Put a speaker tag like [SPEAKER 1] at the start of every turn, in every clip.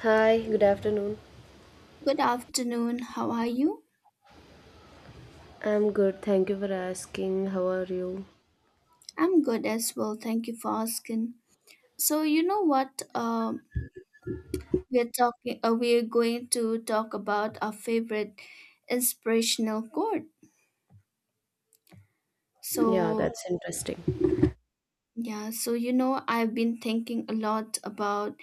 [SPEAKER 1] Hi, good afternoon.
[SPEAKER 2] Good afternoon. How are you?
[SPEAKER 1] I'm good. Thank you for asking. How are you?
[SPEAKER 2] I'm good as well. Thank you for asking. So, you know what? We're talking. We're going to talk about our favorite inspirational quote.
[SPEAKER 1] Yeah,
[SPEAKER 2] So,
[SPEAKER 1] that's interesting.
[SPEAKER 2] yeah. So, you know, I've been thinking a lot about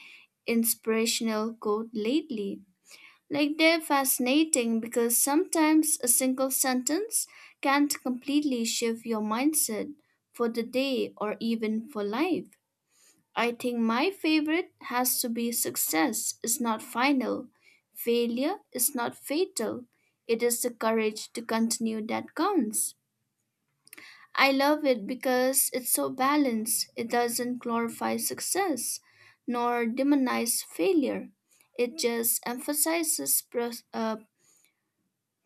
[SPEAKER 2] inspirational quote lately. Like they're fascinating because sometimes a single sentence can't completely shift your mindset for the day or even for life. I think my favorite has to be success is not final, failure is not fatal. It is the courage to continue that counts. I love it because it's so balanced. It doesn't glorify success nor demonize failure. It just emphasizes pro- uh,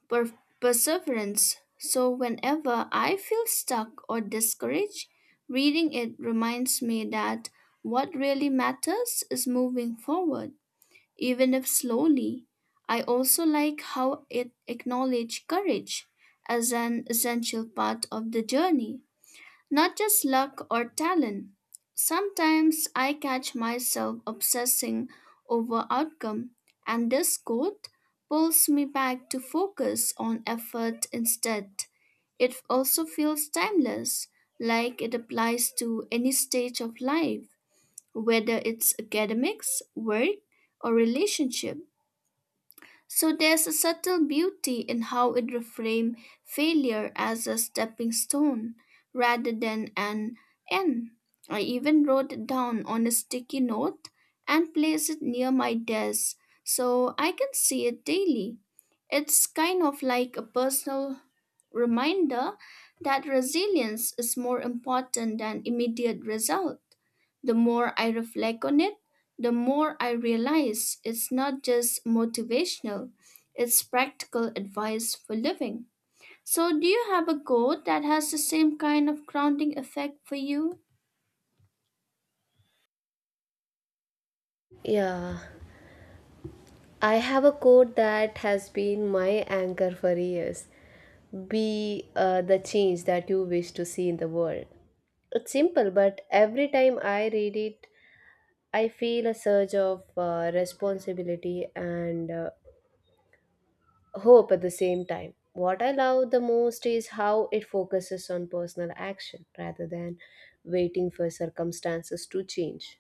[SPEAKER 2] per- perseverance. So, whenever I feel stuck or discouraged, reading it reminds me that what really matters is moving forward, even if slowly. I also like how it acknowledges courage as an essential part of the journey. Not just luck or talent. Sometimes I catch myself obsessing over outcome, and this quote pulls me back to focus on effort instead. It also feels timeless, like it applies to any stage of life, whether it's academics, work, or relationship. So there's a subtle beauty in how it reframes failure as a stepping stone rather than an end. I even wrote it down on a sticky note and placed it near my desk so I can see it daily. It's kind of like a personal reminder that resilience is more important than immediate result. The more I reflect on it, the more I realize it's not just motivational, it's practical advice for living. So, do you have a goal that has the same kind of grounding effect for you?
[SPEAKER 1] Yeah, I have a quote that has been my anchor for years. Be the change that you wish to see in the world. It's simple, but every time I read it, I feel a surge of responsibility and hope at the same time. What I love the most is how it focuses on personal action rather than waiting for circumstances to change.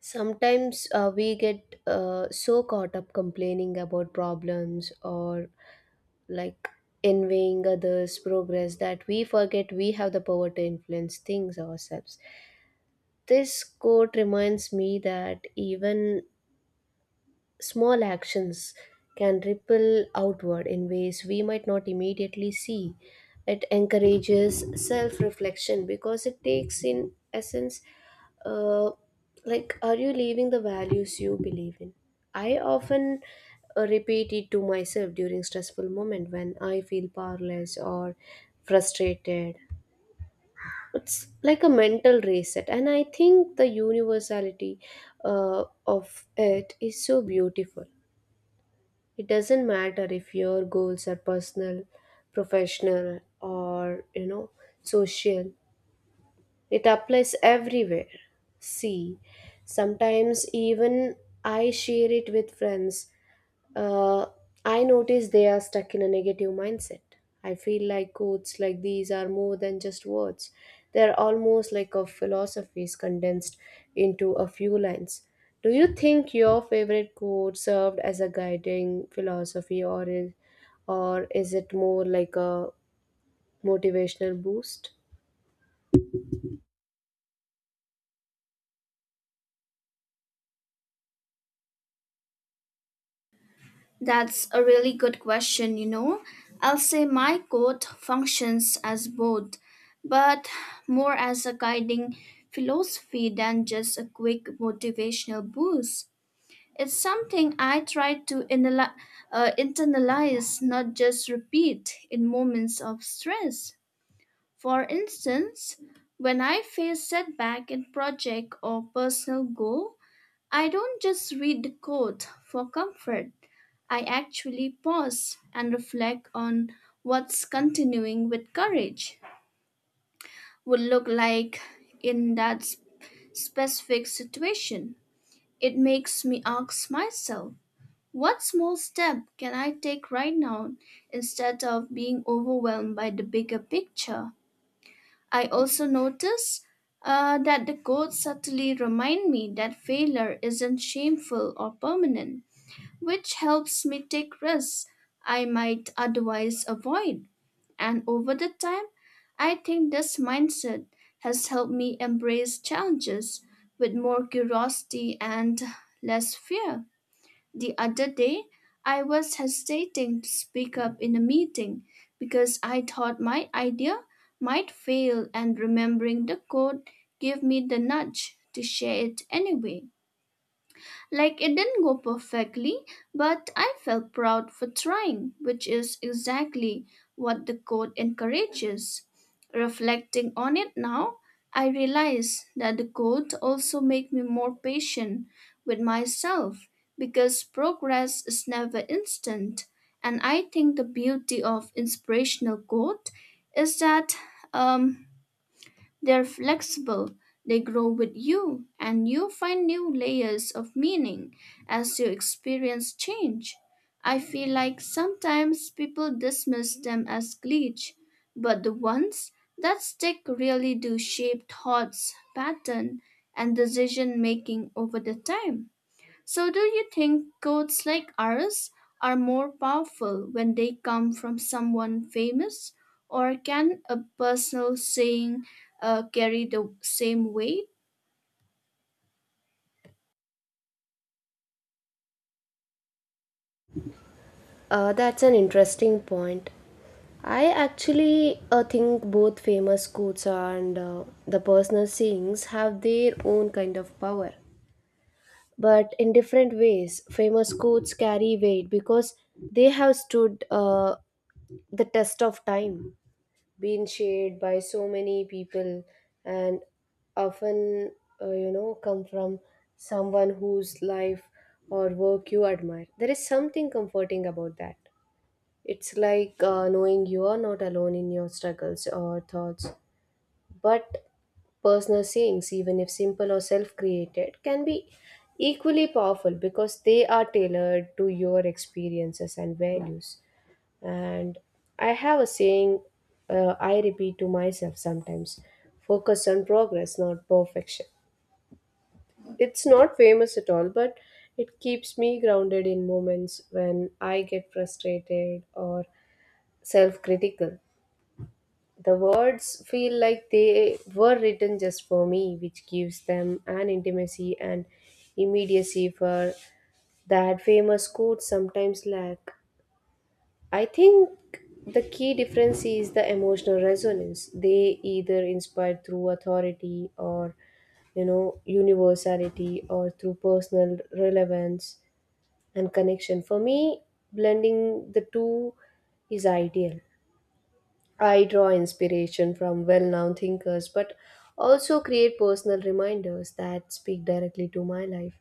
[SPEAKER 1] Sometimes we get so caught up complaining about problems or like envying others' progress that we forget we have the power to influence things ourselves. This quote reminds me that even small actions can ripple outward in ways we might not immediately see. It encourages self reflection because it takes, in essence, uh, like, are you living the values you believe in? I often repeat it to myself during stressful moment when I feel powerless or frustrated. It's like a mental reset, and I think the universality of it is so beautiful. It doesn't matter if your goals are personal, professional, or you know, social. It applies everywhere. See, sometimes even I share it with friends, uh, I notice they are stuck in a negative mindset. I feel like quotes like these are more than just words. They're almost like a philosophies condensed into a few lines. Do you think your favorite quote served as a guiding philosophy or is it more like a motivational boost?
[SPEAKER 2] That's a really good question, you know. I'll say my code functions as both, but more as a guiding philosophy than just a quick motivational boost. It's something I try to internalize, not just repeat in moments of stress. For instance, when I face setback in project or personal goal, I don't just read the code for comfort. I actually pause and reflect on what's continuing with courage would look like in that specific situation. It makes me ask myself, what small step can I take right now instead of being overwhelmed by the bigger picture? I also notice that the quotes subtly remind me that failure isn't shameful or permanent which helps me take risks I might otherwise avoid. And over the time, I think this mindset has helped me embrace challenges with more curiosity and less fear. The other day, I was hesitating to speak up in a meeting because I thought my idea might fail, and remembering the quote gave me the nudge to share it anyway. Like it didn't go perfectly, but I felt proud for trying, which is exactly what the code encourages. Reflecting on it now, I realize that the code also made me more patient with myself because progress is never instant. And I think the beauty of inspirational quote is that um, they're flexible, they grow with you, and you find new layers of meaning as you experience change. I feel like sometimes people dismiss them as glitch, but the ones that stick really do shape thoughts, pattern, and decision making over the time. So, do you think quotes like ours are more powerful when they come from someone famous, or can a personal saying carry the same weight?
[SPEAKER 1] That's an interesting point. I actually think both famous quotes and the personal sayings have their own kind of power, but in different ways. Famous quotes carry weight because they have stood the test of time, been shared by so many people, and often, you know, come from someone whose life or work you admire. There is something comforting about that. It's like knowing you are not alone in your struggles or thoughts. But personal sayings, even if simple or self created, can be equally powerful because they are tailored to your experiences and values. And I have a saying, I repeat to myself sometimes focus on progress, not perfection. It's not famous at all, but it keeps me grounded in moments when I get frustrated or self critical. The words feel like they were written just for me, which gives them an intimacy and immediacy for that famous quote sometimes lack. I think the key difference is the emotional resonance. They either inspire through authority or you know universality or through personal relevance and connection. For me, blending the two is ideal. I draw inspiration from well known thinkers, but also create personal reminders that speak directly to my life.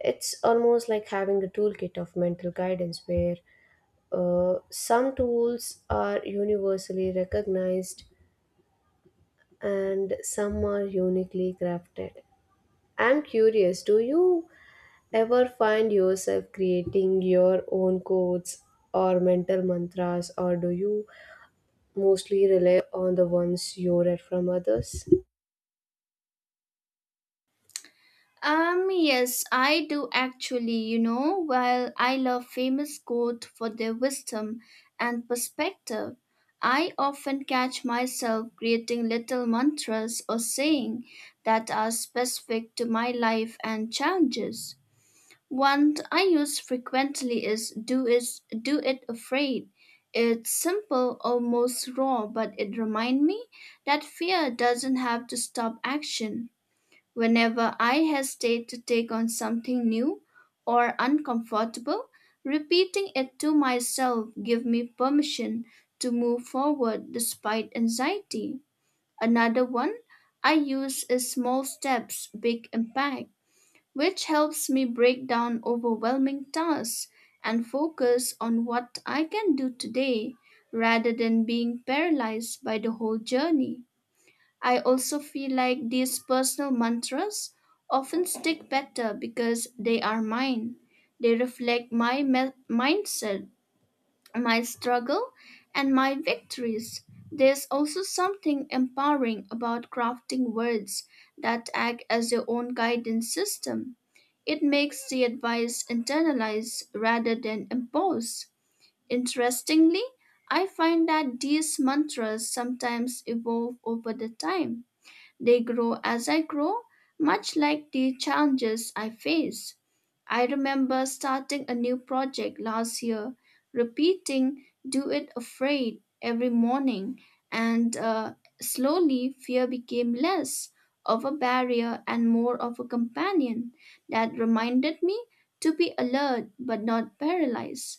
[SPEAKER 1] It's almost like having a toolkit of mental guidance where some tools are universally recognized and some are uniquely crafted. I'm curious, do you ever find yourself creating your own codes or mental mantras, or do you mostly rely on the ones you read from others?
[SPEAKER 2] Yes, I do actually. You know, while I love famous quotes for their wisdom and perspective, I often catch myself creating little mantras or saying that are specific to my life and challenges. One I use frequently is do it afraid. It's simple, almost raw, but it reminds me that fear doesn't have to stop action. Whenever I hesitate to take on something new or uncomfortable, repeating it to myself give me permission to move forward despite anxiety. Another one I use is small steps, big impact which helps me break down overwhelming tasks and focus on what I can do today rather than being paralyzed by the whole journey. I also feel like these personal mantras often stick better because they are mine. They reflect my mindset my struggle and my victories. There's also something empowering about crafting words that act as your own guidance system. It makes the advice internalize rather than impose. Interestingly, I find that these mantras sometimes evolve over the time. They grow as I grow, much like the challenges I face. I remember starting a new project last year, repeating Do It Afraid every morning, and slowly fear became less of a barrier and more of a companion that reminded me to be alert but not paralyzed.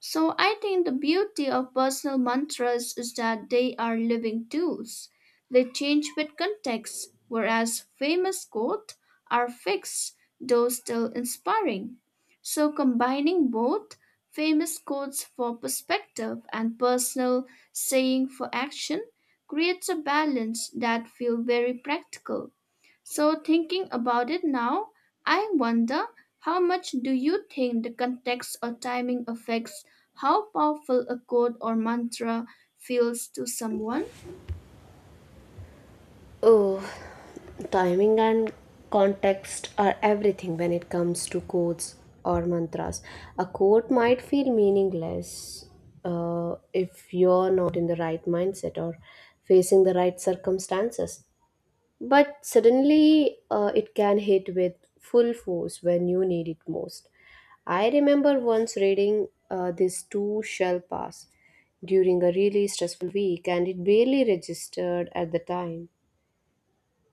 [SPEAKER 2] So I think the beauty of personal mantras is that they are living tools. They change with context, whereas famous quotes are fixed, though still inspiring. So combining both famous quotes for perspective and personal saying for action creates a balance that feels very practical. So thinking about it now, I wonder how much do you think the context or timing affects how powerful a quote or mantra feels to someone?
[SPEAKER 1] Oh, timing and context are everything when it comes to quotes or mantras. A quote might feel meaningless if you're not in the right mindset or facing the right circumstances. But suddenly, it can hit with full force when you need it most. I remember once reading, this too shall pass during a really stressful week, and it barely registered at the time,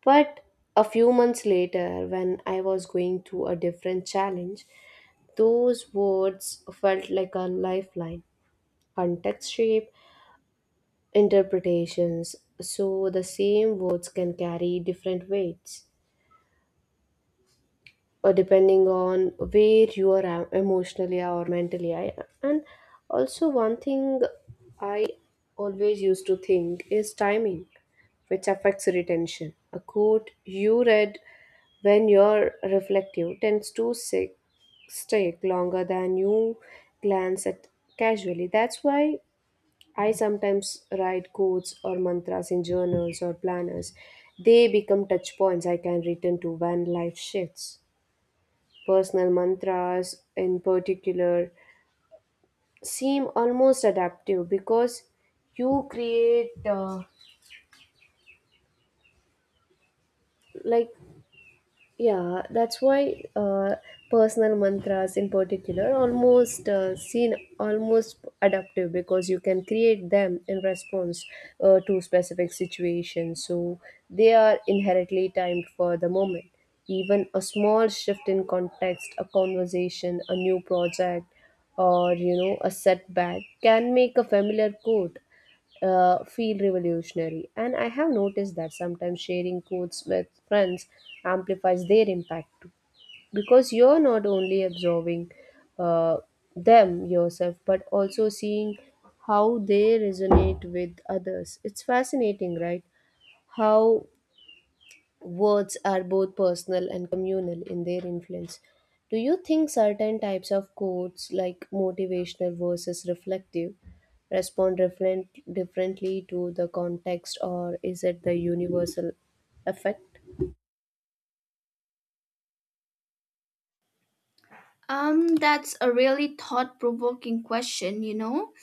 [SPEAKER 1] but a few months later, when I was going through a different challenge, those words felt like a lifeline. Context shape, interpretations, so the same words can carry different weights, or depending on where you are emotionally or mentally. And also, one thing I always used to think is timing, which affects retention. A quote you read when you're reflective tends to stick longer than you glance at casually. That's why I sometimes write quotes or mantras in journals or planners. They become touch points I can return to when life shifts. Personal mantras, in particular, seem almost adaptive because you create like Yeah, that's why personal mantras in particular almost seen almost adaptive because you can create them in response to specific situations. So they are inherently timed for the moment. Even a small shift in context, a conversation, a new project, or you know a setback can make a familiar quote feel revolutionary. And I have noticed that sometimes sharing quotes with friends amplifies their impact too. Because you're not only observing uh, them yourself, but also seeing how they resonate with others. It's fascinating, right? How words are both personal and communal in their influence. Do you think certain types of quotes, like motivational versus reflective, respond differently to the context, or is it the universal effect?
[SPEAKER 2] That's a really thought-provoking question, you know.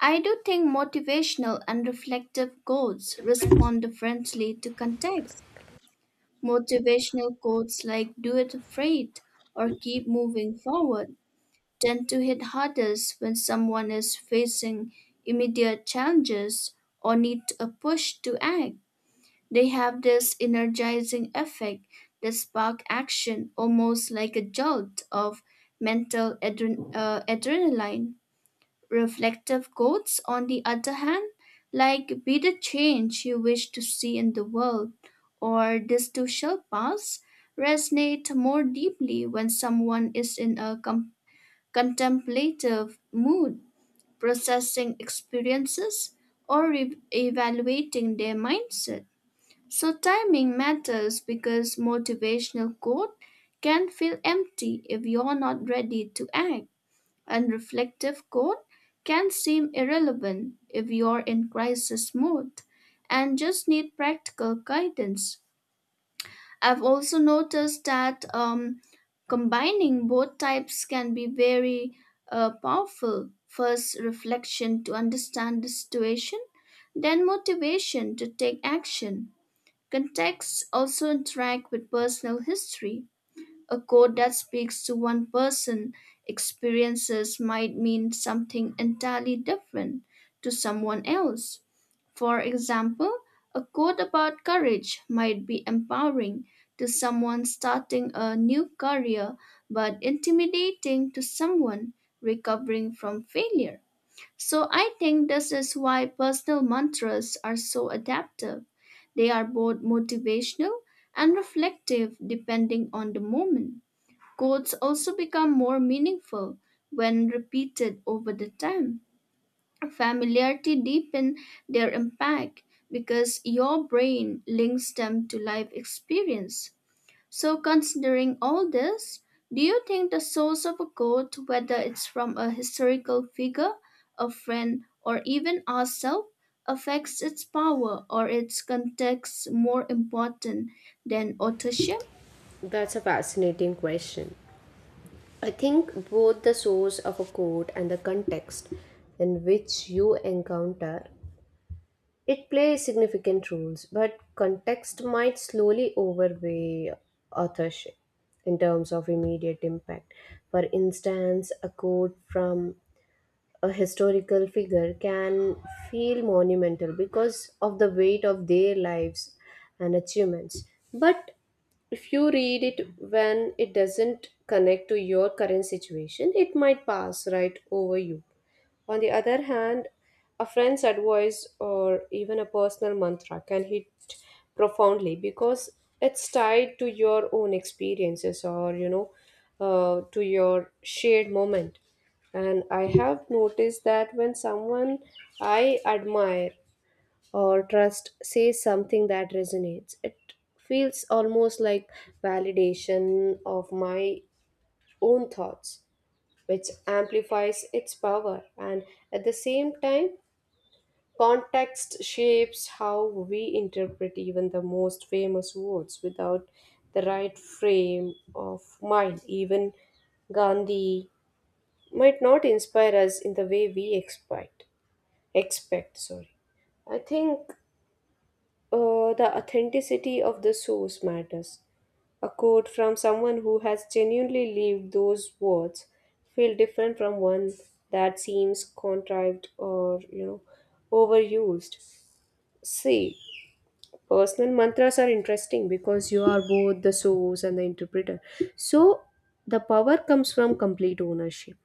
[SPEAKER 2] I do think motivational and reflective quotes respond differently to context. Motivational quotes like do it afraid or keep moving forward tend to hit hardest when someone is facing immediate challenges or need a push to act. They have this energizing effect that spark action almost like a jolt of mental adrenaline. Reflective quotes, on the other hand, like be the change you wish to see in the world or this too shall pass, resonate more deeply when someone is in a complex contemplative mood, processing experiences, or evaluating their mindset. So, timing matters because motivational quote can feel empty if you're not ready to act, and reflective quote can seem irrelevant if you're in crisis mode and just need practical guidance. I've also noticed that combining both types can be very powerful. First, reflection to understand the situation, then, motivation to take action. Contexts also interact with personal history, a quote that speaks to one person' experiences might mean something entirely different to someone else. For example, a quote about courage might be empowering to someone starting a new career but intimidating to someone recovering from failure. So I think this is why personal mantras are so adaptive. They are both motivational and reflective depending on the moment. Quotes also become more meaningful when repeated over the time. Familiarity deepens their impact because your brain links them to life experience. So, considering all this, do you think the source of a quote, whether it's from a historical figure, a friend, or even ourselves, affects its power or its context more important than authorship?
[SPEAKER 1] That's a fascinating question. I think both the source of a quote and the context in which you encounter it plays significant roles, but context might slowly overweigh authorship in terms of immediate impact. For instance, a quote from a historical figure can feel monumental because of the weight of their lives and achievements. But if you read it when it doesn't connect to your current situation, it might pass right over you. On the other hand, a friend's advice or even a personal mantra can hit profoundly because it's tied to your own experiences or, you know, to your shared moment. And I have noticed that when someone I admire or trust says something that resonates, it feels almost like validation of my own thoughts which amplifies its power. And at the same time, context shapes how we interpret even the most famous words without the right frame of mind. Even Gandhi might not inspire us in the way we expect. Expect, sorry. I think the authenticity of the source matters. A quote from someone who has genuinely lived those words feel different from one that seems contrived or you know overused. See, personal mantras are interesting because you are both the source and the interpreter. So the power comes from complete ownership.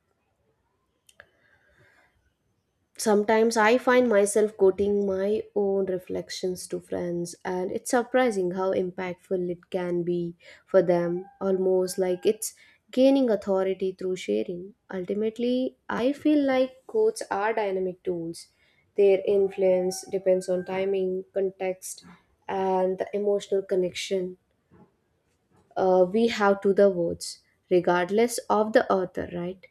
[SPEAKER 1] Sometimes I find myself quoting my own reflections to friends, and it's surprising how impactful it can be for them, almost like it's gaining authority through sharing. Ultimately, I feel like quotes are dynamic tools. Their influence depends on timing, context, and the emotional connection we have to the words, regardless of the author, right?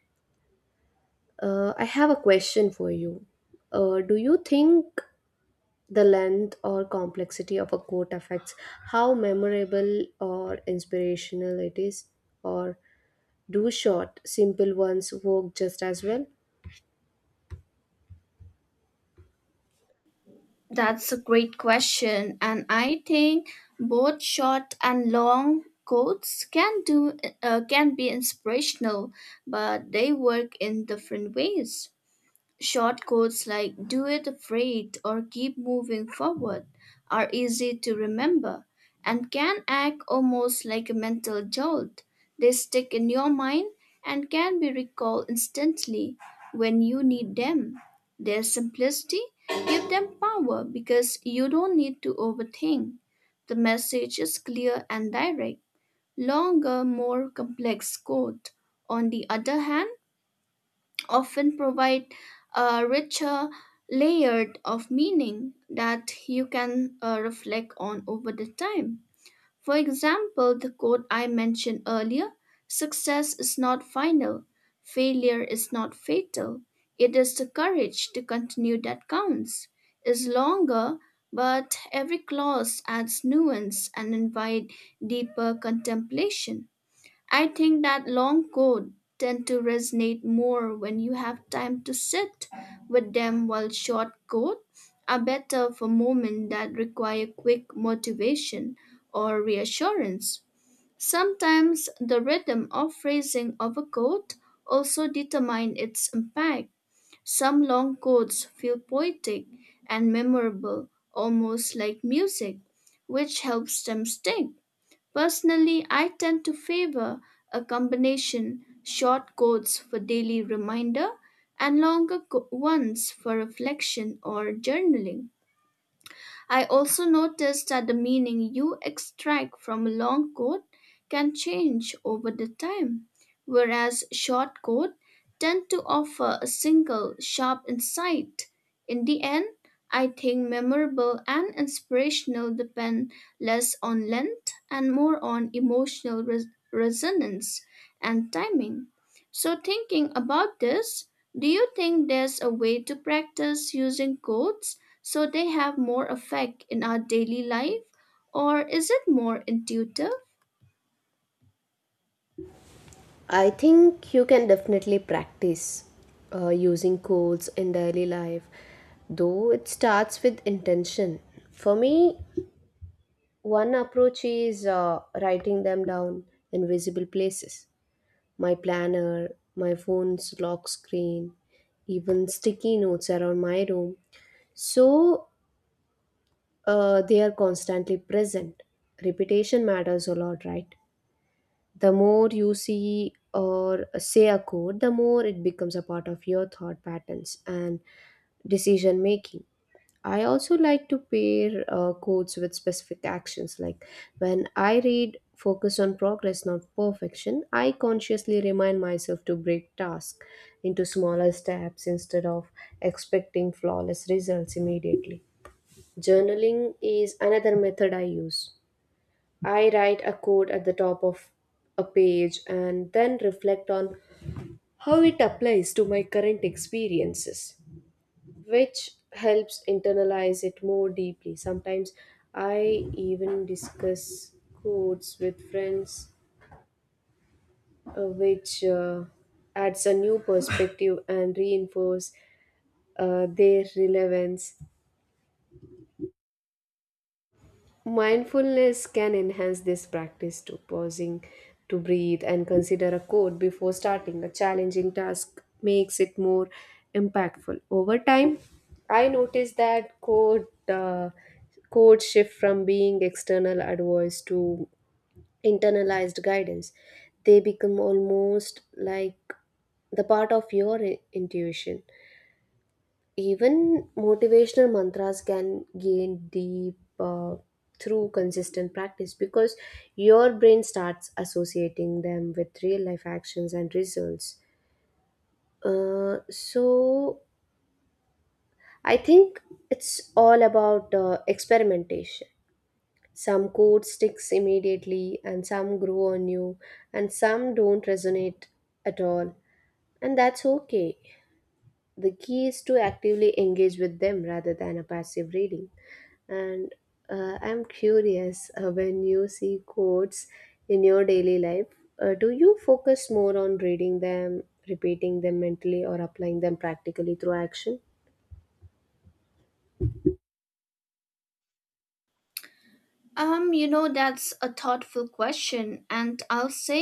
[SPEAKER 1] I have a question for you. Do you think the length or complexity of a quote affects how memorable or inspirational it is, or do short, simple ones work just as well?
[SPEAKER 2] That's a great question, and I think both short and long quotes can be inspirational, but they work in different ways. Short quotes like do it afraid or keep moving forward are easy to remember and can act almost like a mental jolt. They stick in your mind and can be recalled instantly when you need them. Their simplicity gives them power because you don't need to overthink. The message is clear and direct. Longer, more complex quote, on the other hand, often provide a richer layered of meaning that you can reflect on over the time. For example, the quote I mentioned earlier, success is not final, failure is not fatal. It is the courage to continue that counts. Is longer, but every clause adds nuance and invite deeper contemplation. I think that long codes tend to resonate more when you have time to sit with them while short codes are better for moments that require quick motivation or reassurance. Sometimes the rhythm or phrasing of a quote also determine its impact. Some long quotes feel poetic and memorable, almost like music, which helps them stick. Personally, I tend to favor a combination short codes for daily reminder and ones for reflection or journaling. I also noticed that the meaning you extract from a long quote can change over the time, whereas short quotes tend to offer a single sharp insight. In the end, I think memorable and inspirational depend less on length and more on emotional resonance and timing. So, thinking about this, do you think there's a way to practice using quotes so they have more effect in our daily life or is it more intuitive?
[SPEAKER 1] I think you can definitely practice using quotes in daily life, though it starts with intention. For me, one approach is writing them down in visible places: my planner, my phone's lock screen, even sticky notes around my room. So they are constantly present. Repetition matters a lot, right? The more you see or say a code, the more it becomes a part of your thought patterns and decision making. I also like to pair quotes with specific actions. Like when I read Focus on Progress, Not Perfection, I consciously remind myself to break tasks into smaller steps instead of expecting flawless results immediately. Journaling is another method I use. I write a quote at the top of a page and then reflect on how it applies to my current experiences which helps internalize it more deeply. Sometimes I even discuss quotes with friends, which adds a new perspective and reinforce their relevance. Mindfulness can enhance this practice to pausing to breathe and consider a quote before starting a challenging task makes it more impactful. Over time, I noticed that quotes shift from being external advice to internalized guidance. They become almost like the part of your intuition. Even motivational mantras can gain deep through consistent practice because your brain starts associating them with real life actions and results. So I think it's all about experimentation. Some code sticks immediately, and some grow on you, and some don't resonate at all. And that's okay. The key is to actively engage with them rather than a passive reading, and I'm curious, when you see quotes in your daily life, do you focus more on reading them, repeating them mentally, or applying them practically through action?
[SPEAKER 2] You know, that's a thoughtful question, and I'll say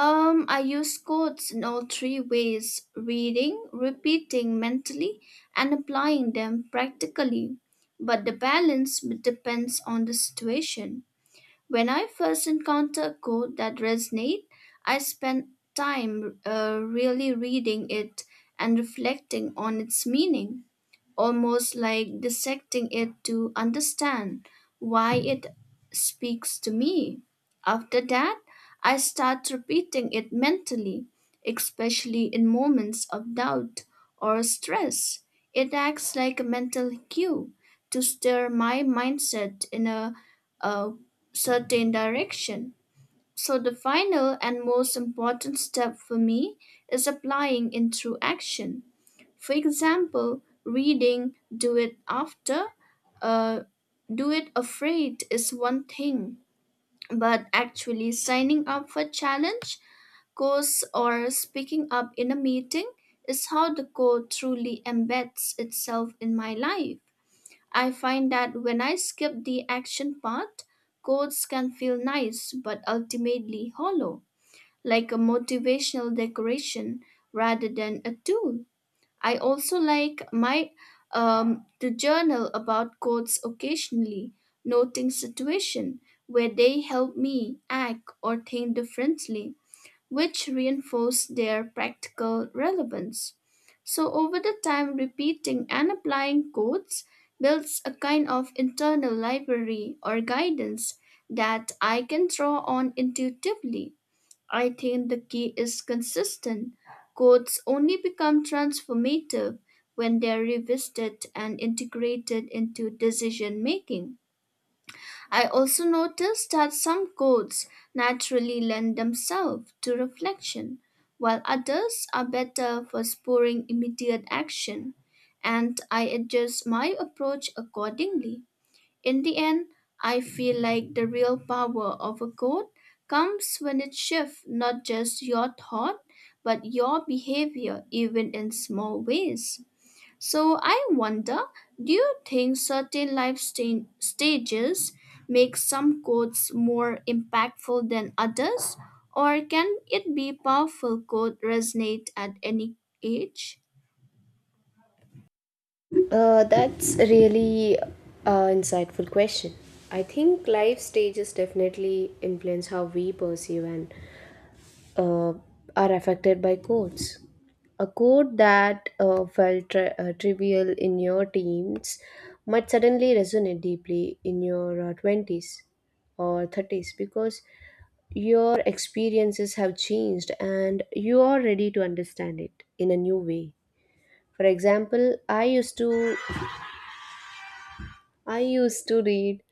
[SPEAKER 2] I use codes in all three ways, reading, repeating mentally, and applying them practically, but the balance depends on the situation. When I first encounter a code that resonates, I spend time really reading it and reflecting on its meaning, almost like dissecting it to understand why it speaks to me. After that, I start repeating it mentally, especially in moments of doubt or stress. It acts like a mental cue to steer my mindset in a certain direction. So, the final and most important step for me is applying into action. For example, reading uh, Do It Afraid is one thing, but actually signing up for challenge, course, or speaking up in a meeting is how the code truly embeds itself in my life. I find that when I skip the action part, codes can feel nice but ultimately hollow, like a motivational decoration rather than a tool. I also like my to journal about quotes occasionally, noting situation where they help me act or think differently, which reinforce their practical relevance. So over the time, repeating and applying quotes builds a kind of internal library or guidance that I can draw on intuitively. I think the key is consistent. Codes only become transformative when they are revisited and integrated into decision making. I also noticed that some codes naturally lend themselves to reflection, while others are better for spurring immediate action, and I adjust my approach accordingly. In the end, I feel like the real power of a code comes when it shifts not just your thought, but your behavior, even in small ways. So I wonder, do you think certain stages make some codes more impactful than others? Or can it be powerful code resonate at any age?
[SPEAKER 1] That's a really insightful question. I think life stages definitely influence how we perceive and uh, are affected by codes. A code that felt trivial in your teens might suddenly resonate deeply in your 20s or 30s because your experiences have changed and you are ready to understand it in a new way. For example, I used to read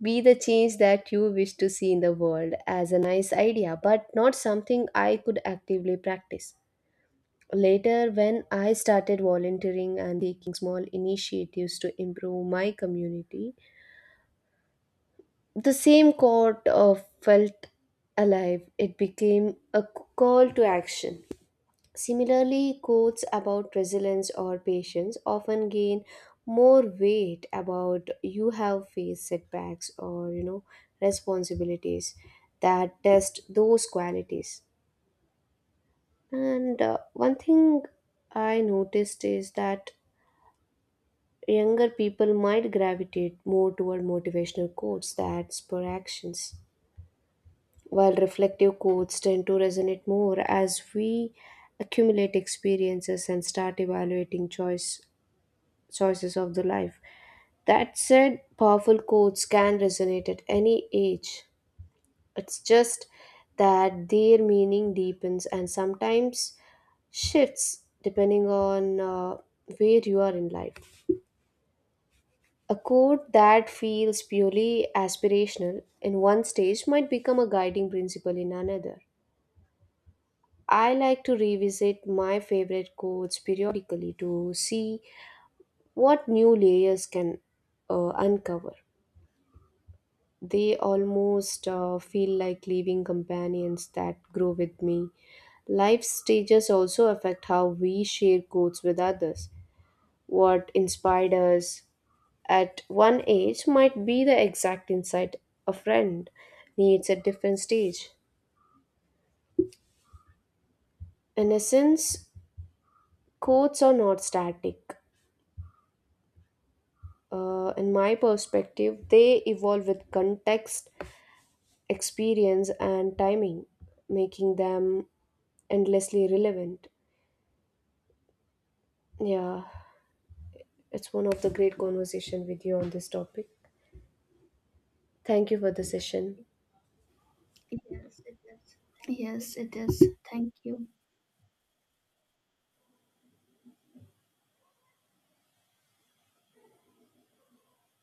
[SPEAKER 1] be the change that you wish to see in the world as a nice idea, but not something I could actively practice. Later, when I started volunteering and taking small initiatives to improve my community, the same quote felt alive. It became a call to action. Similarly, quotes about resilience or patience often gain more weight about you have faced setbacks or you know responsibilities that test those qualities. And one thing I noticed is that younger people might gravitate more toward motivational quotes that spur actions, while reflective quotes tend to resonate more as we accumulate experiences and start evaluating choices of the life. That said, powerful quotes can resonate at any age. It's just that their meaning deepens and sometimes shifts depending on where you are in life. A quote that feels purely aspirational in one stage might become a guiding principle in another. I like to revisit my favorite quotes periodically to see what new layers can uncover. They almost feel like living companions that grow with me. Life stages also affect how we share quotes with others. What inspired us, at one age might be the exact insight a friend needs at different stage. In essence, quotes are not static. In my perspective, they evolve with context, experience, and timing, making them endlessly relevant. Yeah, it's one of the great conversation with you on this topic. Thank you for the session.
[SPEAKER 2] Yes, it is. Thank you.